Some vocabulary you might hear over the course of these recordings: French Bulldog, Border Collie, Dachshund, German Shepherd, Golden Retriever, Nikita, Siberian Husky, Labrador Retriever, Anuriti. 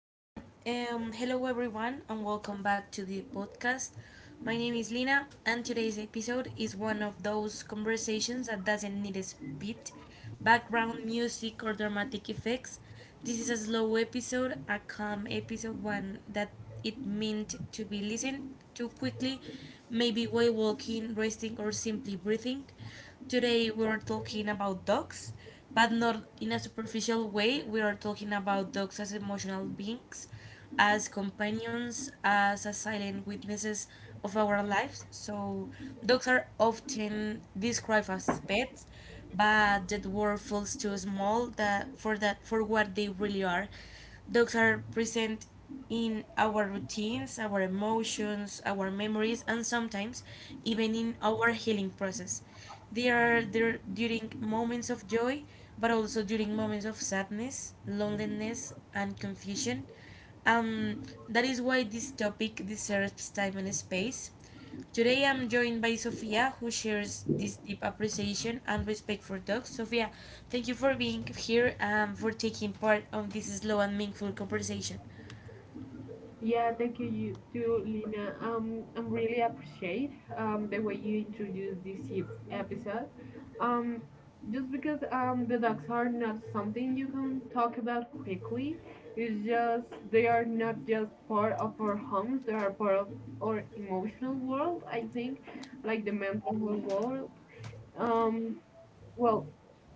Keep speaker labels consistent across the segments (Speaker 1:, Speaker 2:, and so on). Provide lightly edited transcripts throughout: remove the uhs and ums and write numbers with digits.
Speaker 1: Well, hello everyone, and welcome back to the podcast. My name is Lina, and today's episode is one of those conversations that doesn't need a spit, background music, or dramatic effects. This is a slow episode, a calm episode, one that it meant to be listened to quickly, maybe while walking, resting, or simply breathing. Today we're talking about dogs but not in a superficial way. We are talking about dogs as emotional beings, as companions, as a silent witnesses of our lives. So, dogs are often described as pets, but that word feels too small that for that for what they really are. Dogs are present in our routines, our emotions, our memories, and sometimes even in our healing process. They are there during moments of joy, but also during moments of sadness, loneliness, and confusion. Um, that is why this topic deserves time and space. Today I'm joined by Sofia, who shares this deep appreciation and respect for dogs. Sofia, thank you for being here and for taking part on this slow and meaningful conversation.
Speaker 2: Yeah, thank you, you too, Lina. I am really appreciate the way you introduced episode. Um, just because the dogs are not something you can talk about quickly, it's just they are not just part of our homes, they are part of our emotional world, I think, like the mental world. Um, well,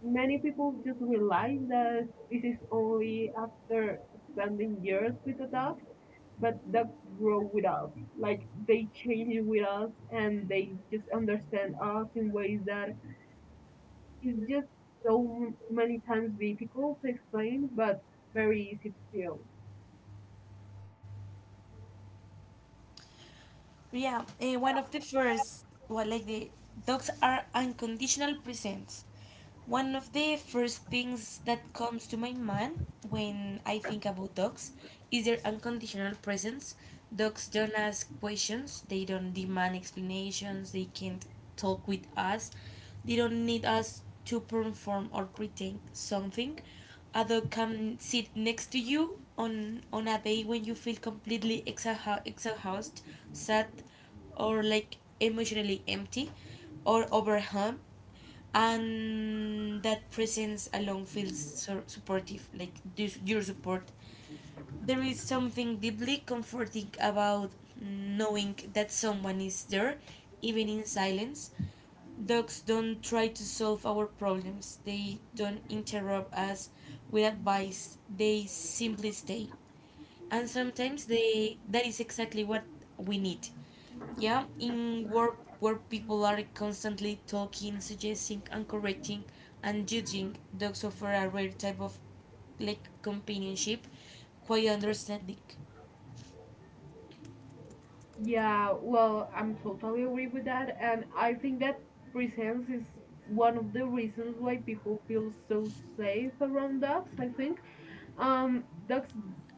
Speaker 2: many people just realize that this is only after spending years with the dog, but dogs grow with us. Like they change with us and they just understand us in ways that is just so many times difficult to explain, but very easy to feel.
Speaker 1: Yeah, one of the first, well, like the dogs are unconditional presents. One of the first things that comes to my mind when I think about dogs is their unconditional presence. Dogs don't ask questions, they don't demand explanations, they can't talk with us, they don't need us to perform or pretend something. A dog can sit next to you on a day when you feel completely exhausted, sad, or like emotionally empty or overwhelmed, and that presence alone feels so supportive, like this, your support. There is something deeply comforting about knowing that someone is there, even in silence. Dogs don't try to solve our problems, they don't interrupt us with advice, they simply stay, and sometimes they that is exactly what we need. Yeah, in work where people are constantly talking, suggesting, and correcting and judging, dogs offer a rare type of like companionship, quite understanding.
Speaker 2: Yeah, well, I'm totally agree with that, and I think that presence is one of the reasons why people feel so safe around dogs. I think dogs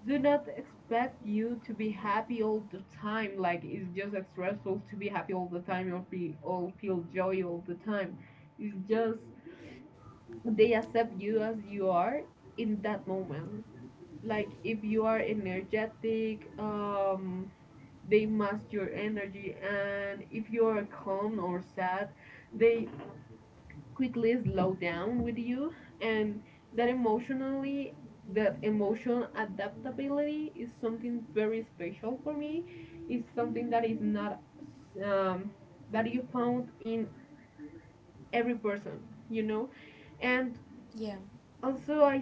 Speaker 2: do not expect you to be happy all the time. Like it's just stressful to be happy all the time or be or feel joy all the time. It's just they accept you as you are in that moment. Like if you are energetic, they mask your energy, and if you are calm or sad they quickly slow down with you, and that emotionally that emotion adaptability is something very special for me. It's something that is not um, that you found in every person, you know, and
Speaker 1: Yeah.
Speaker 2: also i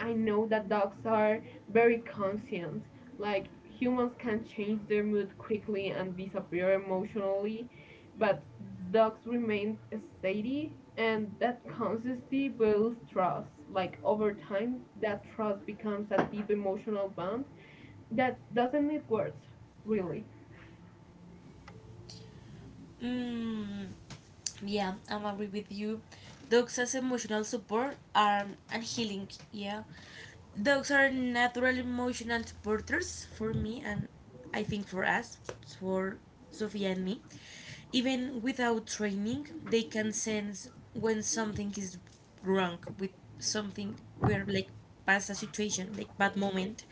Speaker 2: I know that dogs are very conscient. Like humans can change their mood quickly and disappear emotionally, but dogs remain steady, and that consistency builds trust. Like over time, that trust becomes a deep emotional bond that doesn't need words, really.
Speaker 1: Mm, yeah, I'm agree with you. Dogs as emotional support are and healing. Yeah, dogs are natural emotional supporters for me and I think for us, for Sofia and me. Even without training, they can sense when something is wrong with something we're like past a situation, like bad moment.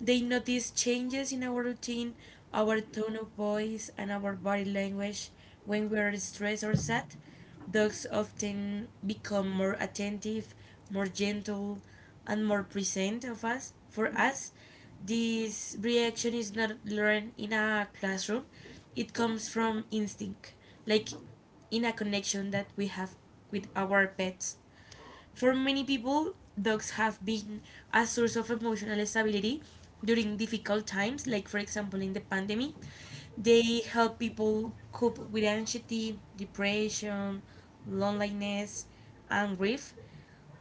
Speaker 1: They notice changes in our routine, our tone of voice, and our body language when we are stressed or sad. Dogs often become more attentive, more gentle, and more present of us for us. This reaction is not learned in a classroom. It comes from instinct, like in a connection that we have with our pets. For many people, dogs have been a source of emotional stability during difficult times, like for example in the pandemic. They help people cope with anxiety, depression, loneliness, and grief,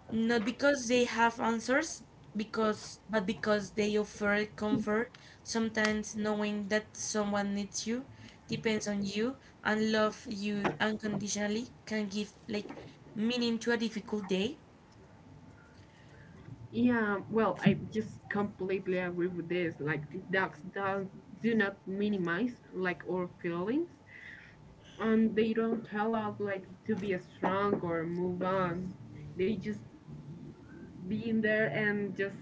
Speaker 1: not because they have answers, because but because they offer comfort. Sometimes knowing that someone needs you, depends on you, and love you unconditionally can give like meaning to a difficult day.
Speaker 2: Yeah, well, I just completely agree with this. Like, dogs don't, do not minimize like our feelings, and they don't tell us like to be strong or move on. They just be in there and just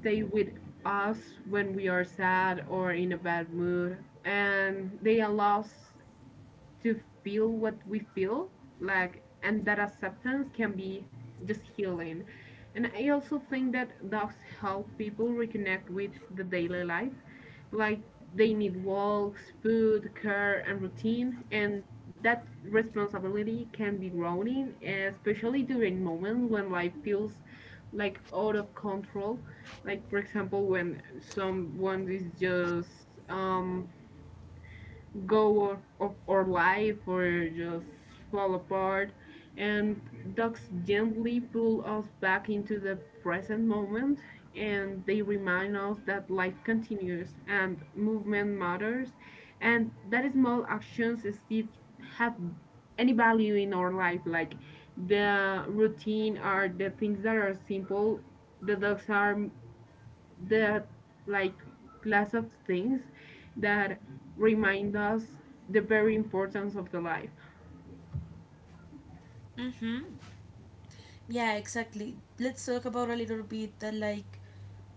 Speaker 2: stay with us when we are sad or in a bad mood, and they allow us to feel what we feel, like, and that acceptance can be just healing. And I also think that dogs help people reconnect with the daily life. Like they need walks, food, care, and routine, and that responsibility can be growing, especially during moments when life feels like out of control. Like, for example, when someone is just go of our life or just fall apart, and dogs gently pull us back into the present moment, and they remind us that life continues and movement matters, and that small actions still have any value in our life, like the routine are the things that are simple, the dogs are there are like class of things that remind us the very importance of the life.
Speaker 1: Mm-hmm. Yeah, exactly. Let's talk about a little bit that like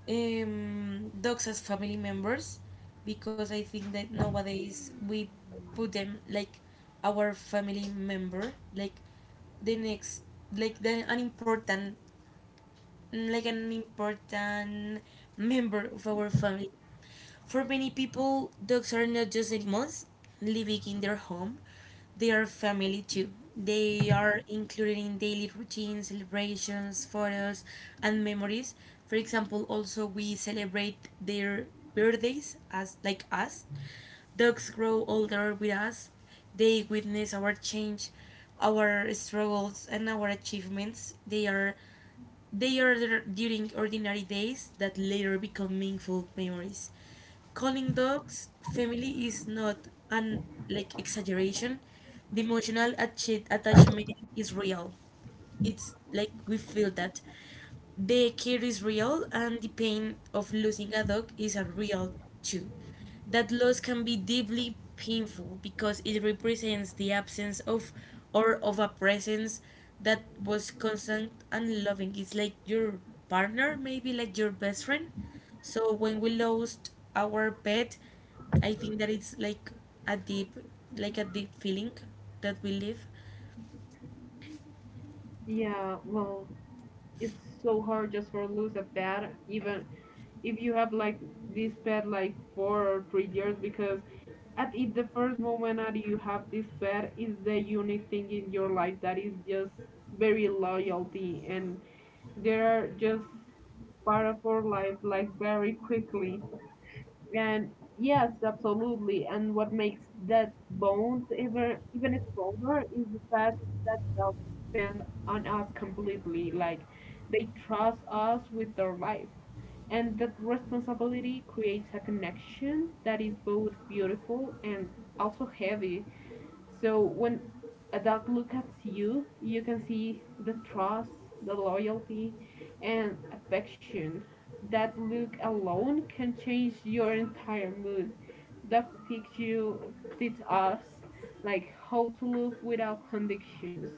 Speaker 1: dogs as family members, because I think that nowadays we put them like our family member, like the next, like the, an important, like an important member of our family. For many people, dogs are not just animals living in their home, they are family too. They are included in daily routines, celebrations, photos, and memories. For example, also we celebrate their birthdays as like us. Dogs grow older with us. They witness our change, our struggles, and our achievements. They are there during ordinary days that later become meaningful memories. Calling dogs family is not an like exaggeration. The emotional attachment is real. It's like we feel that. The care is real, and the pain of losing a dog is a real too. That loss can be deeply painful because it represents the absence of a presence that was constant and loving. It's like your partner, maybe like your best friend. So when we lost our pet, I think that it's like a deep, a deep feeling that we live.
Speaker 2: Yeah, well, it's so hard just for lose a pet, even if you have like this pet like 4 or 3 years, because at it, the first moment that you have this pet is the unique thing in your life that is just very loyalty, and they are just part of our life like very quickly. And yes, absolutely. And what makes that bond even stronger is the fact that they'll depend on us completely. Like they trust us with their life. And that responsibility creates a connection that is both beautiful and also heavy. So when a dog looks at you, you can see the trust, the loyalty, and affection. That look alone can change your entire mood. Dog teach us, like how to look without conditions.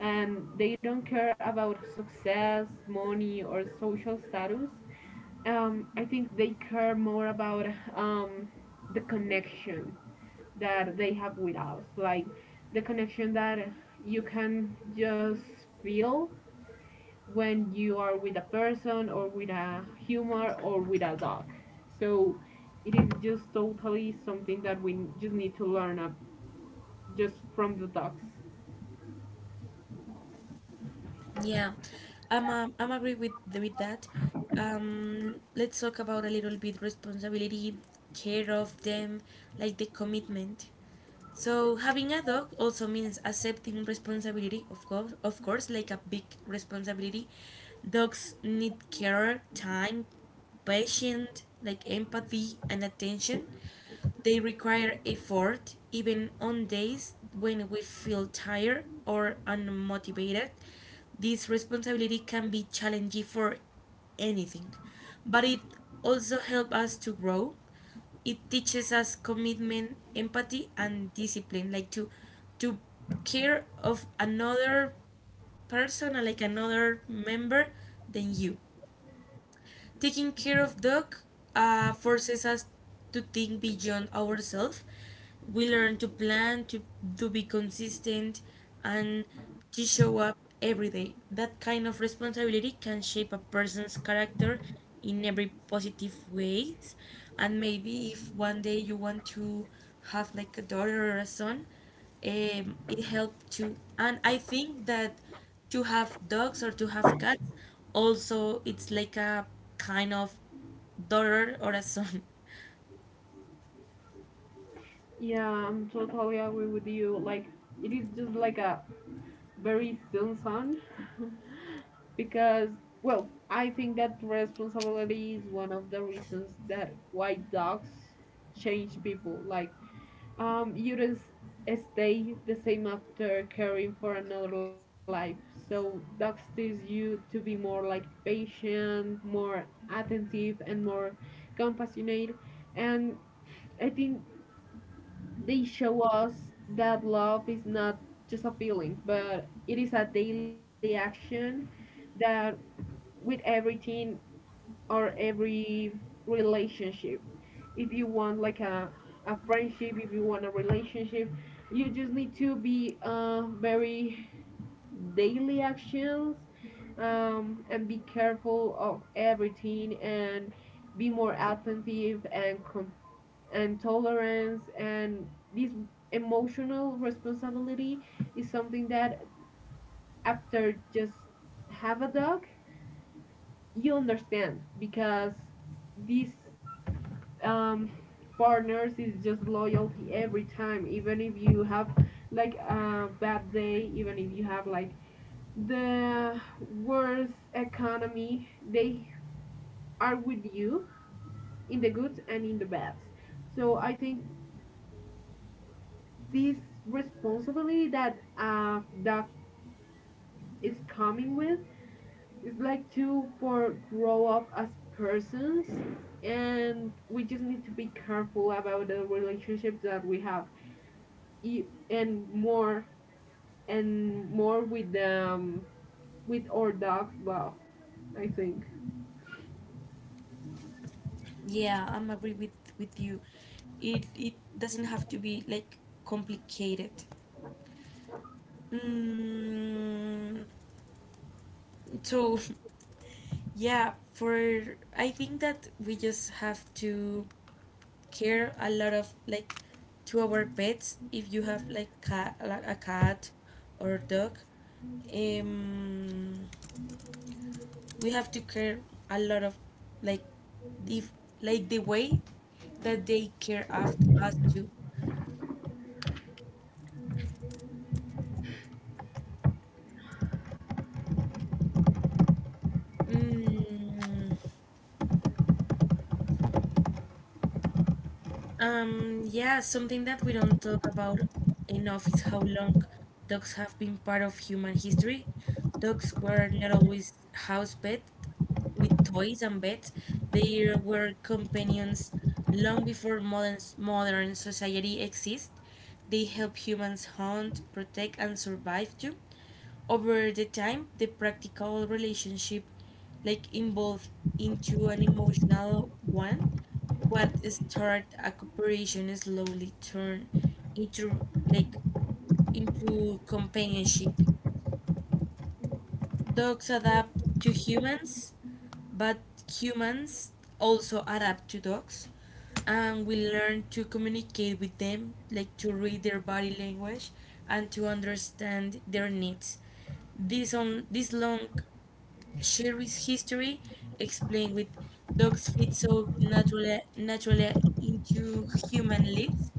Speaker 2: And they don't care about success, money, or social status. I think they care more about um, the connection that they have with us, like the connection that you can just feel when you are with a person or with a humor or with a dog. So it is just totally something that we just need to learn up just from the dogs.
Speaker 1: Yeah, I'm agree with that. Let's talk about a little bit responsibility, care of them, like the commitment. So having a dog also means accepting responsibility, of course, like a big responsibility. Dogs need care, time, patience, like empathy and attention. They require effort, even on days when we feel tired or unmotivated. This responsibility can be challenging for anything, but it also helps us to grow. It teaches us commitment, empathy, and discipline, like to care of another person, like another member than you. Taking care of dog forces us to think beyond ourselves. We learn to plan, to be consistent, and to show up every day. That kind of responsibility can shape a person's character in every positive ways. And maybe if one day you want to have like a daughter or a son, it helped too. And I think that to have dogs or to have cats, also it's like a kind of daughter or a son.
Speaker 2: Yeah, I'm totally agree with you, like it is just like a very soon because well I think that responsibility is one of the reasons that why dogs change people. Like you don't stay the same after caring for another life. So dogs teach you to be more like patient, more attentive, and more compassionate. And I think they show us that love is not just a feeling, but it is a daily action that with everything or every relationship. If you want like a friendship, if you want a relationship, you just need to be very daily actions, and be careful of everything, and be more attentive and tolerance, and this emotional responsibility is something that after just have a dog you understand, because these um, partners is just loyalty every time, even if you have like a bad day, even if you have like the worst economy, they are with you in the good and in the bad. So I think this responsibility that a dog is coming with is like to for grow up as persons, and we just need to be careful about the relationships that we have, E- and more and more with our dogs love, I think.
Speaker 1: Yeah, I'm agree with you. It doesn't have to be like complicated. Mm, so yeah, for I think that we just have to care a lot of like to our pets if you have like a cat or dog, um we have to care a lot of like if like the way that they care of us too. Mm, Um, yeah, something that we don't talk about enough is how long dogs have been part of human history. Dogs were not always house pets with toys and beds. They were companions long before modern society exists. They help humans hunt, protect, and survive too. Over the time, the practical relationship like involved into an emotional one. What started a cooperation slowly turned into like into companionship. Dogs adapt to humans, but humans also adapt to dogs, and we learn to communicate with them, like to read their body language and to understand their needs. This on this long Sherry's history, explained with dogs fit so naturally into human lives,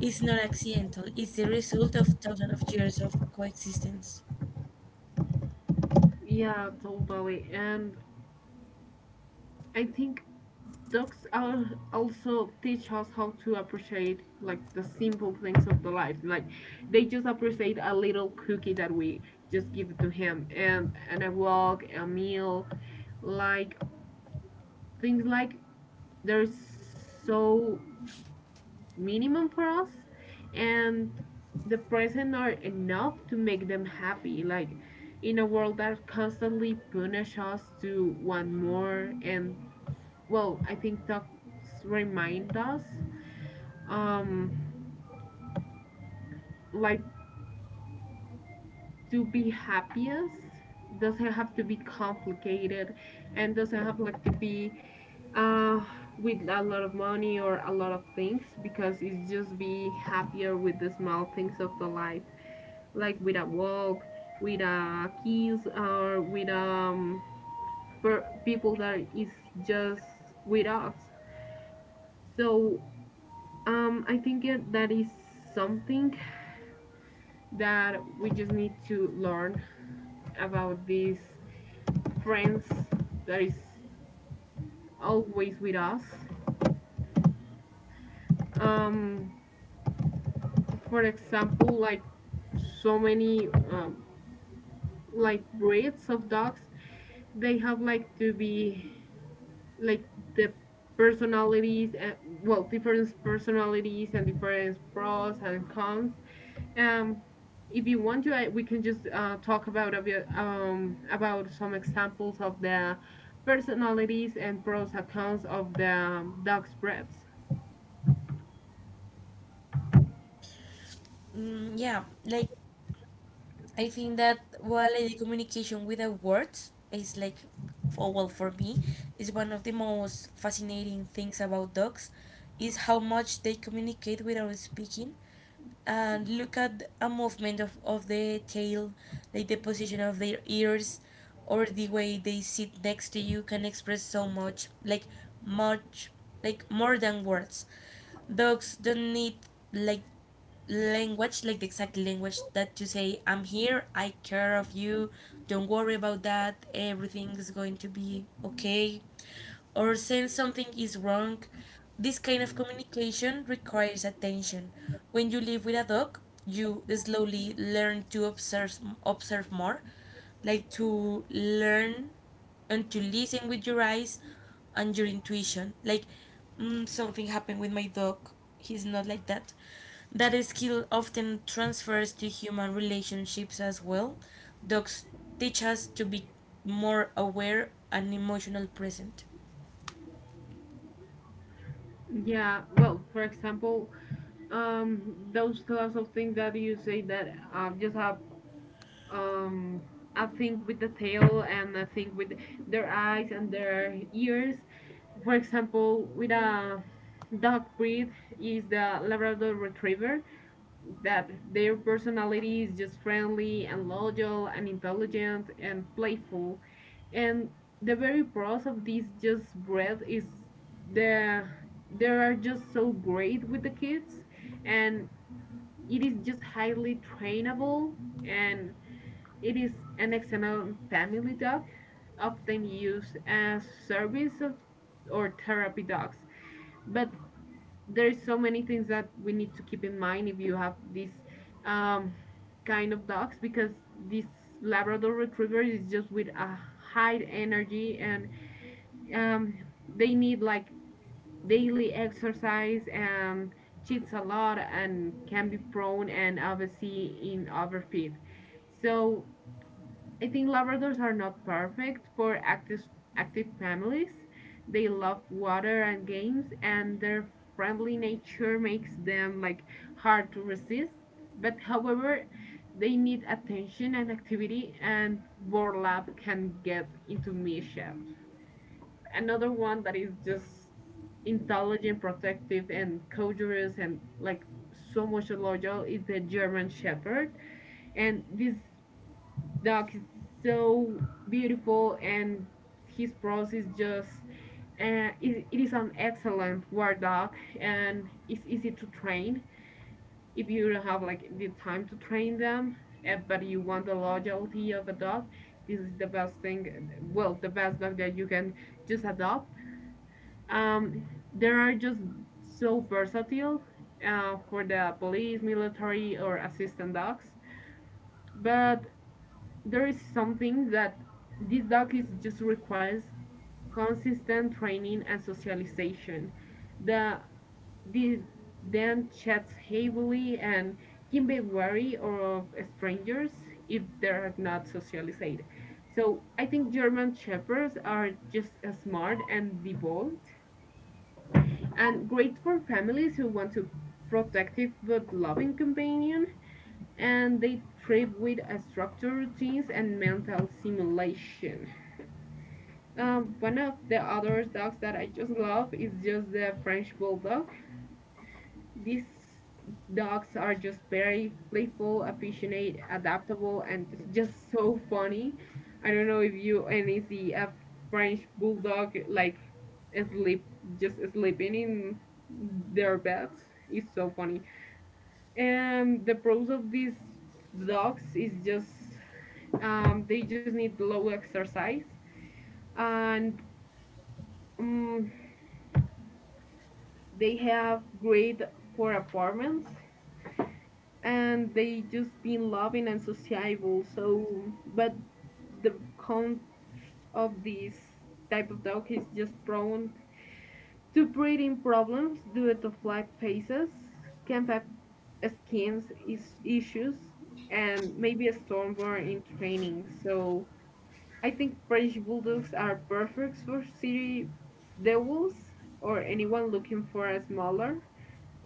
Speaker 1: is not accidental. It's the result of thousands of years of coexistence.
Speaker 2: Yeah, totally, and I think dogs are also teach us how to appreciate like the simple things of the life, like they just appreciate a little cookie that we just give to him, and a walk, a meal, like things like there's so minimum for us, and the present are enough to make them happy, like in a world that constantly punish us to want more. And well, I think dogs remind us um like to be happiest doesn't have to be complicated, and doesn't have like to be uh with a lot of money or a lot of things, because it's just be happier with the small things of the life, like with a walk, with a kiss, or with people that is just with us. So I think that is something that we just need to learn about this friends that is always with us. Um, for example, like so many like breeds of dogs, they have like to be like the personalities and, well, different personalities and different pros and cons. Um, if you want to, we can just talk about a bit, about some examples of the personalities and pros and cons of the dog spreads.
Speaker 1: Mm, yeah, like I think that while the communication without words is like, for well, for me, is one of the most fascinating things about dogs, is how much they communicate without speaking and look at a movement of the tail, like the position of their ears or the way they sit next to you can express so much, much, like more than words. Dogs don't need like language, like the exact language that you say, I'm here, I care of you, don't worry about that, everything is going to be okay or sense something is wrong. This kind of communication requires attention. When you live with a dog, you slowly learn to observe more, like to learn and to listen with your eyes and your intuition. Like something happened with my dog. He's not like that. That skill often transfers to human relationships as well. Dogs teach us to be more aware and emotional present.
Speaker 2: Yeah, well, for example, um, those lots of things that you say that just have um, a thing with the tail and a thing with their eyes and their ears. For example, with a dog breed is the Labrador Retriever, that their personality is just friendly and loyal and intelligent and playful, and the very pros of this just breed is the they are just so great with the kids, and it is just highly trainable, and it is an excellent family dog often used as service or therapy dogs. But there's so many things that we need to keep in mind if you have this um, kind of dogs, because this Labrador Retriever is just with a high energy, and um, they need like daily exercise and cheats a lot and can be prone and obviously in overfeed. So I think Labradors are not perfect for active families. They love water and games, and their friendly nature makes them like hard to resist. But however, they need attention and activity, and Borlap can get into mischief. Another one that is just intelligent, protective, and courageous, and like so much loyal is the German Shepherd, and this Doc is so beautiful, and his prose is just it is an excellent word dog, and it's easy to train if you don't have like the time to train them, but you want the loyalty of a dog. This is the best thing, well, the best dog that you can just adopt. Um, they are just so versatile, for the police military or assistant dogs. But there is something that this dog is just requires consistent training and socialization. The, the then chats heavily and can be wary of strangers if they are not socialized. So I think German shepherds are just as smart and devout and great for families who want to protective but loving companion, and they trip with a structure, genes, and mental simulation. One of the other dogs that I just love is just the French Bulldog. These dogs are just very playful, affectionate, adaptable, and just so funny. I don't know if you any see a French Bulldog like sleep, just sleeping in their beds. It's so funny. And the pros of these dogs is just, they just need low exercise, and um, they have great for apartments, and they just been loving and sociable. So, but the count of this type of dog is just prone to breathing problems due to flat faces, camp ap- skins issues, and maybe a storm burn in training. So I think French bulldogs are perfect for city The wolves, or anyone looking for a smaller,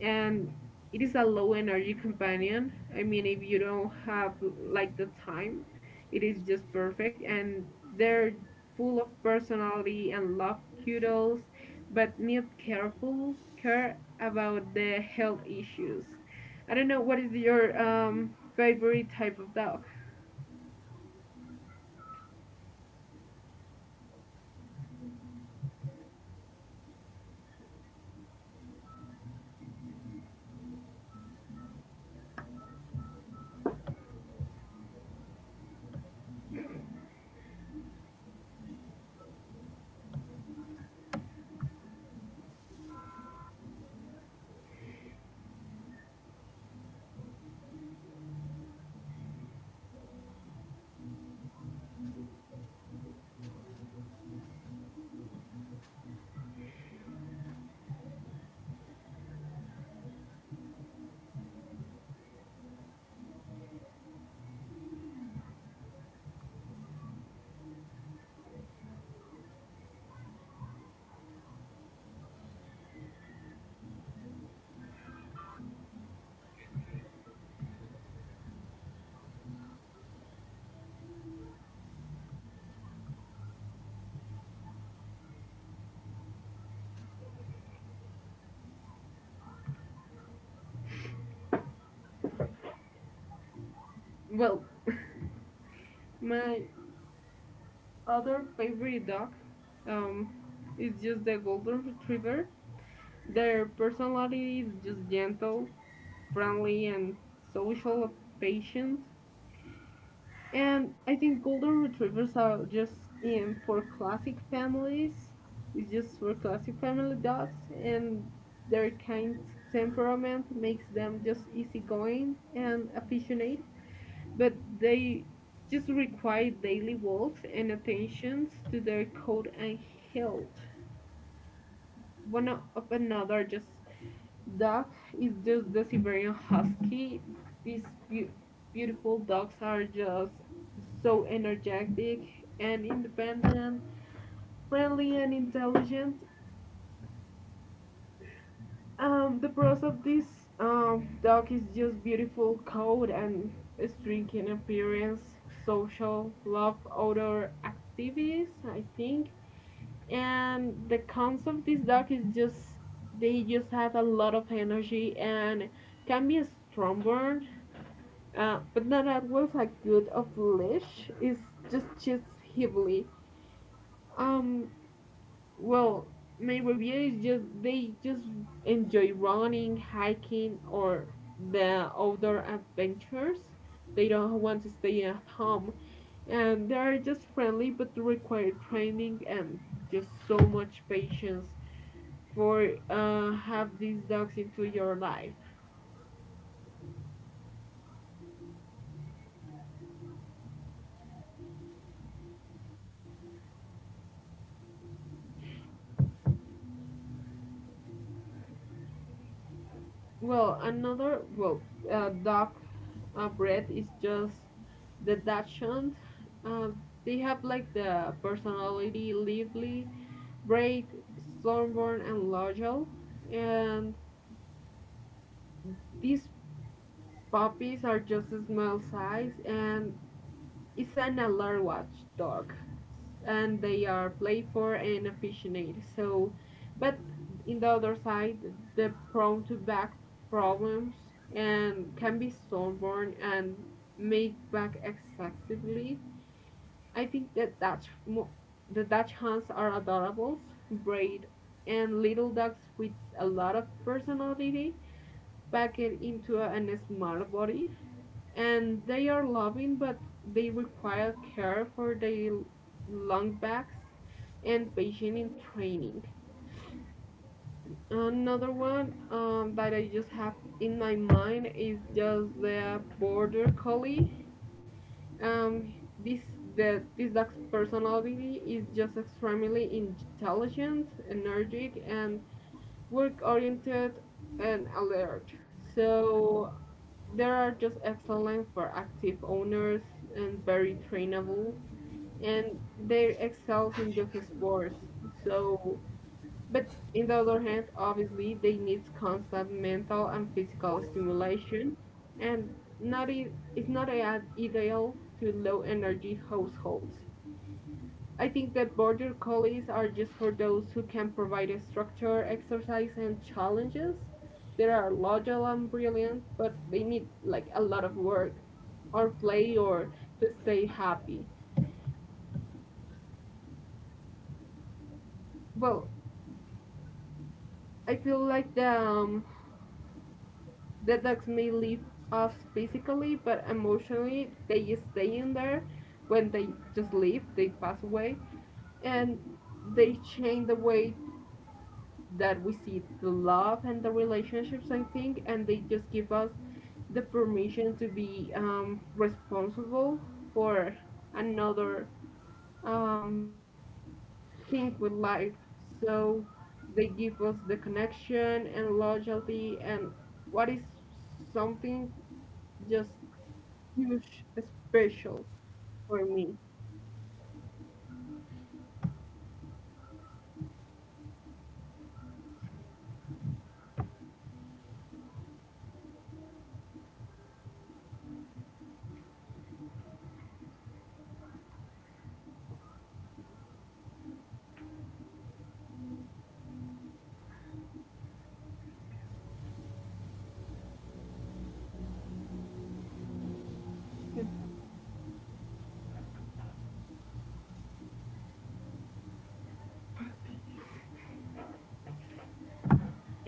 Speaker 2: and it is a low energy companion. I mean, if you don't have like the time, it is just perfect. And they're full of personality and love cuddles, but need careful care about the health issues. I don't know what is your favorite type of dog. Well, my other favorite dog um, is just the golden retriever. Their personality is just gentle, friendly, and social, patient. And I think golden retrievers are just in for classic families. It's just for classic family dogs, and their kind temperament makes them just easygoing and affectionate. But they just require daily walks and attentions to their coat and health. One of another just Dog is just the Siberian Husky. These beau- beautiful dogs are just so energetic and independent, friendly and intelligent. The pros of this dog is just beautiful coat and striking appearance, social, love, outdoor activities, I think. And the cons of this dog is just they just have a lot of energy and can be a strong. But not at was a good of flesh. It's just heavily. Um, well, my review is just they just enjoy running, hiking, or the outdoor adventures. They don't want to stay at home, and they are just friendly but require training and just so much patience for have these dogs into your life. Well, another well dog breed is just the Dachshund. Uh, they have like the personality lively, brave, stubborn, and loyal. And these puppies are just a small size and it's an alert watch dog. And they are playful and affectionate. So, but in the other side, they're prone to back problems and can be stubborn and make back excessively. I think that the Dutch Hounds are adorable, brave, and little dogs with a lot of personality packed into a, an small body. And they are loving, but they require care for their long backs and patience in training. Another one that I just have in my mind is just the border collie. Um, this the this dog's personality is just extremely intelligent, energetic, and work-oriented and alert. So they are just excellent for active owners and very trainable, and they excels in dog sports. So but in the other hand, obviously, they need constant mental and physical stimulation, and not I- it's not I- ideal to low energy households. I think that border collies are just for those who can provide a structure, exercise, and challenges. They are logical and brilliant, but they need like a lot of work or play or to stay happy. Well, I feel like the dogs may leave us physically, but emotionally they stay in there. When they just leave, they pass away, and they change the way that we see the love and the relationships. I think, and they just give us the permission to be responsible for another um, thing with life. So they give us the connection and loyalty and what is something just huge special for me.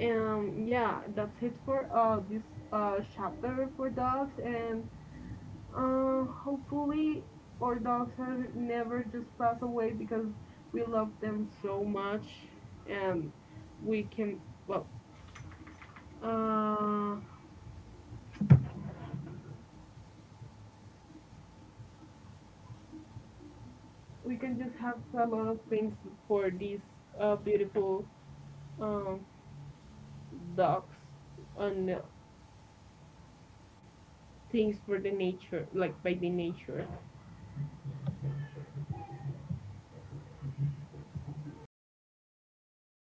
Speaker 2: Yeah, that's it for this chapter for dogs, and hopefully our dogs are never just pass away because we love them so much, and we can well, uh, we can just have a lot of things for these beautiful um, dogs and things for the nature, like by the nature.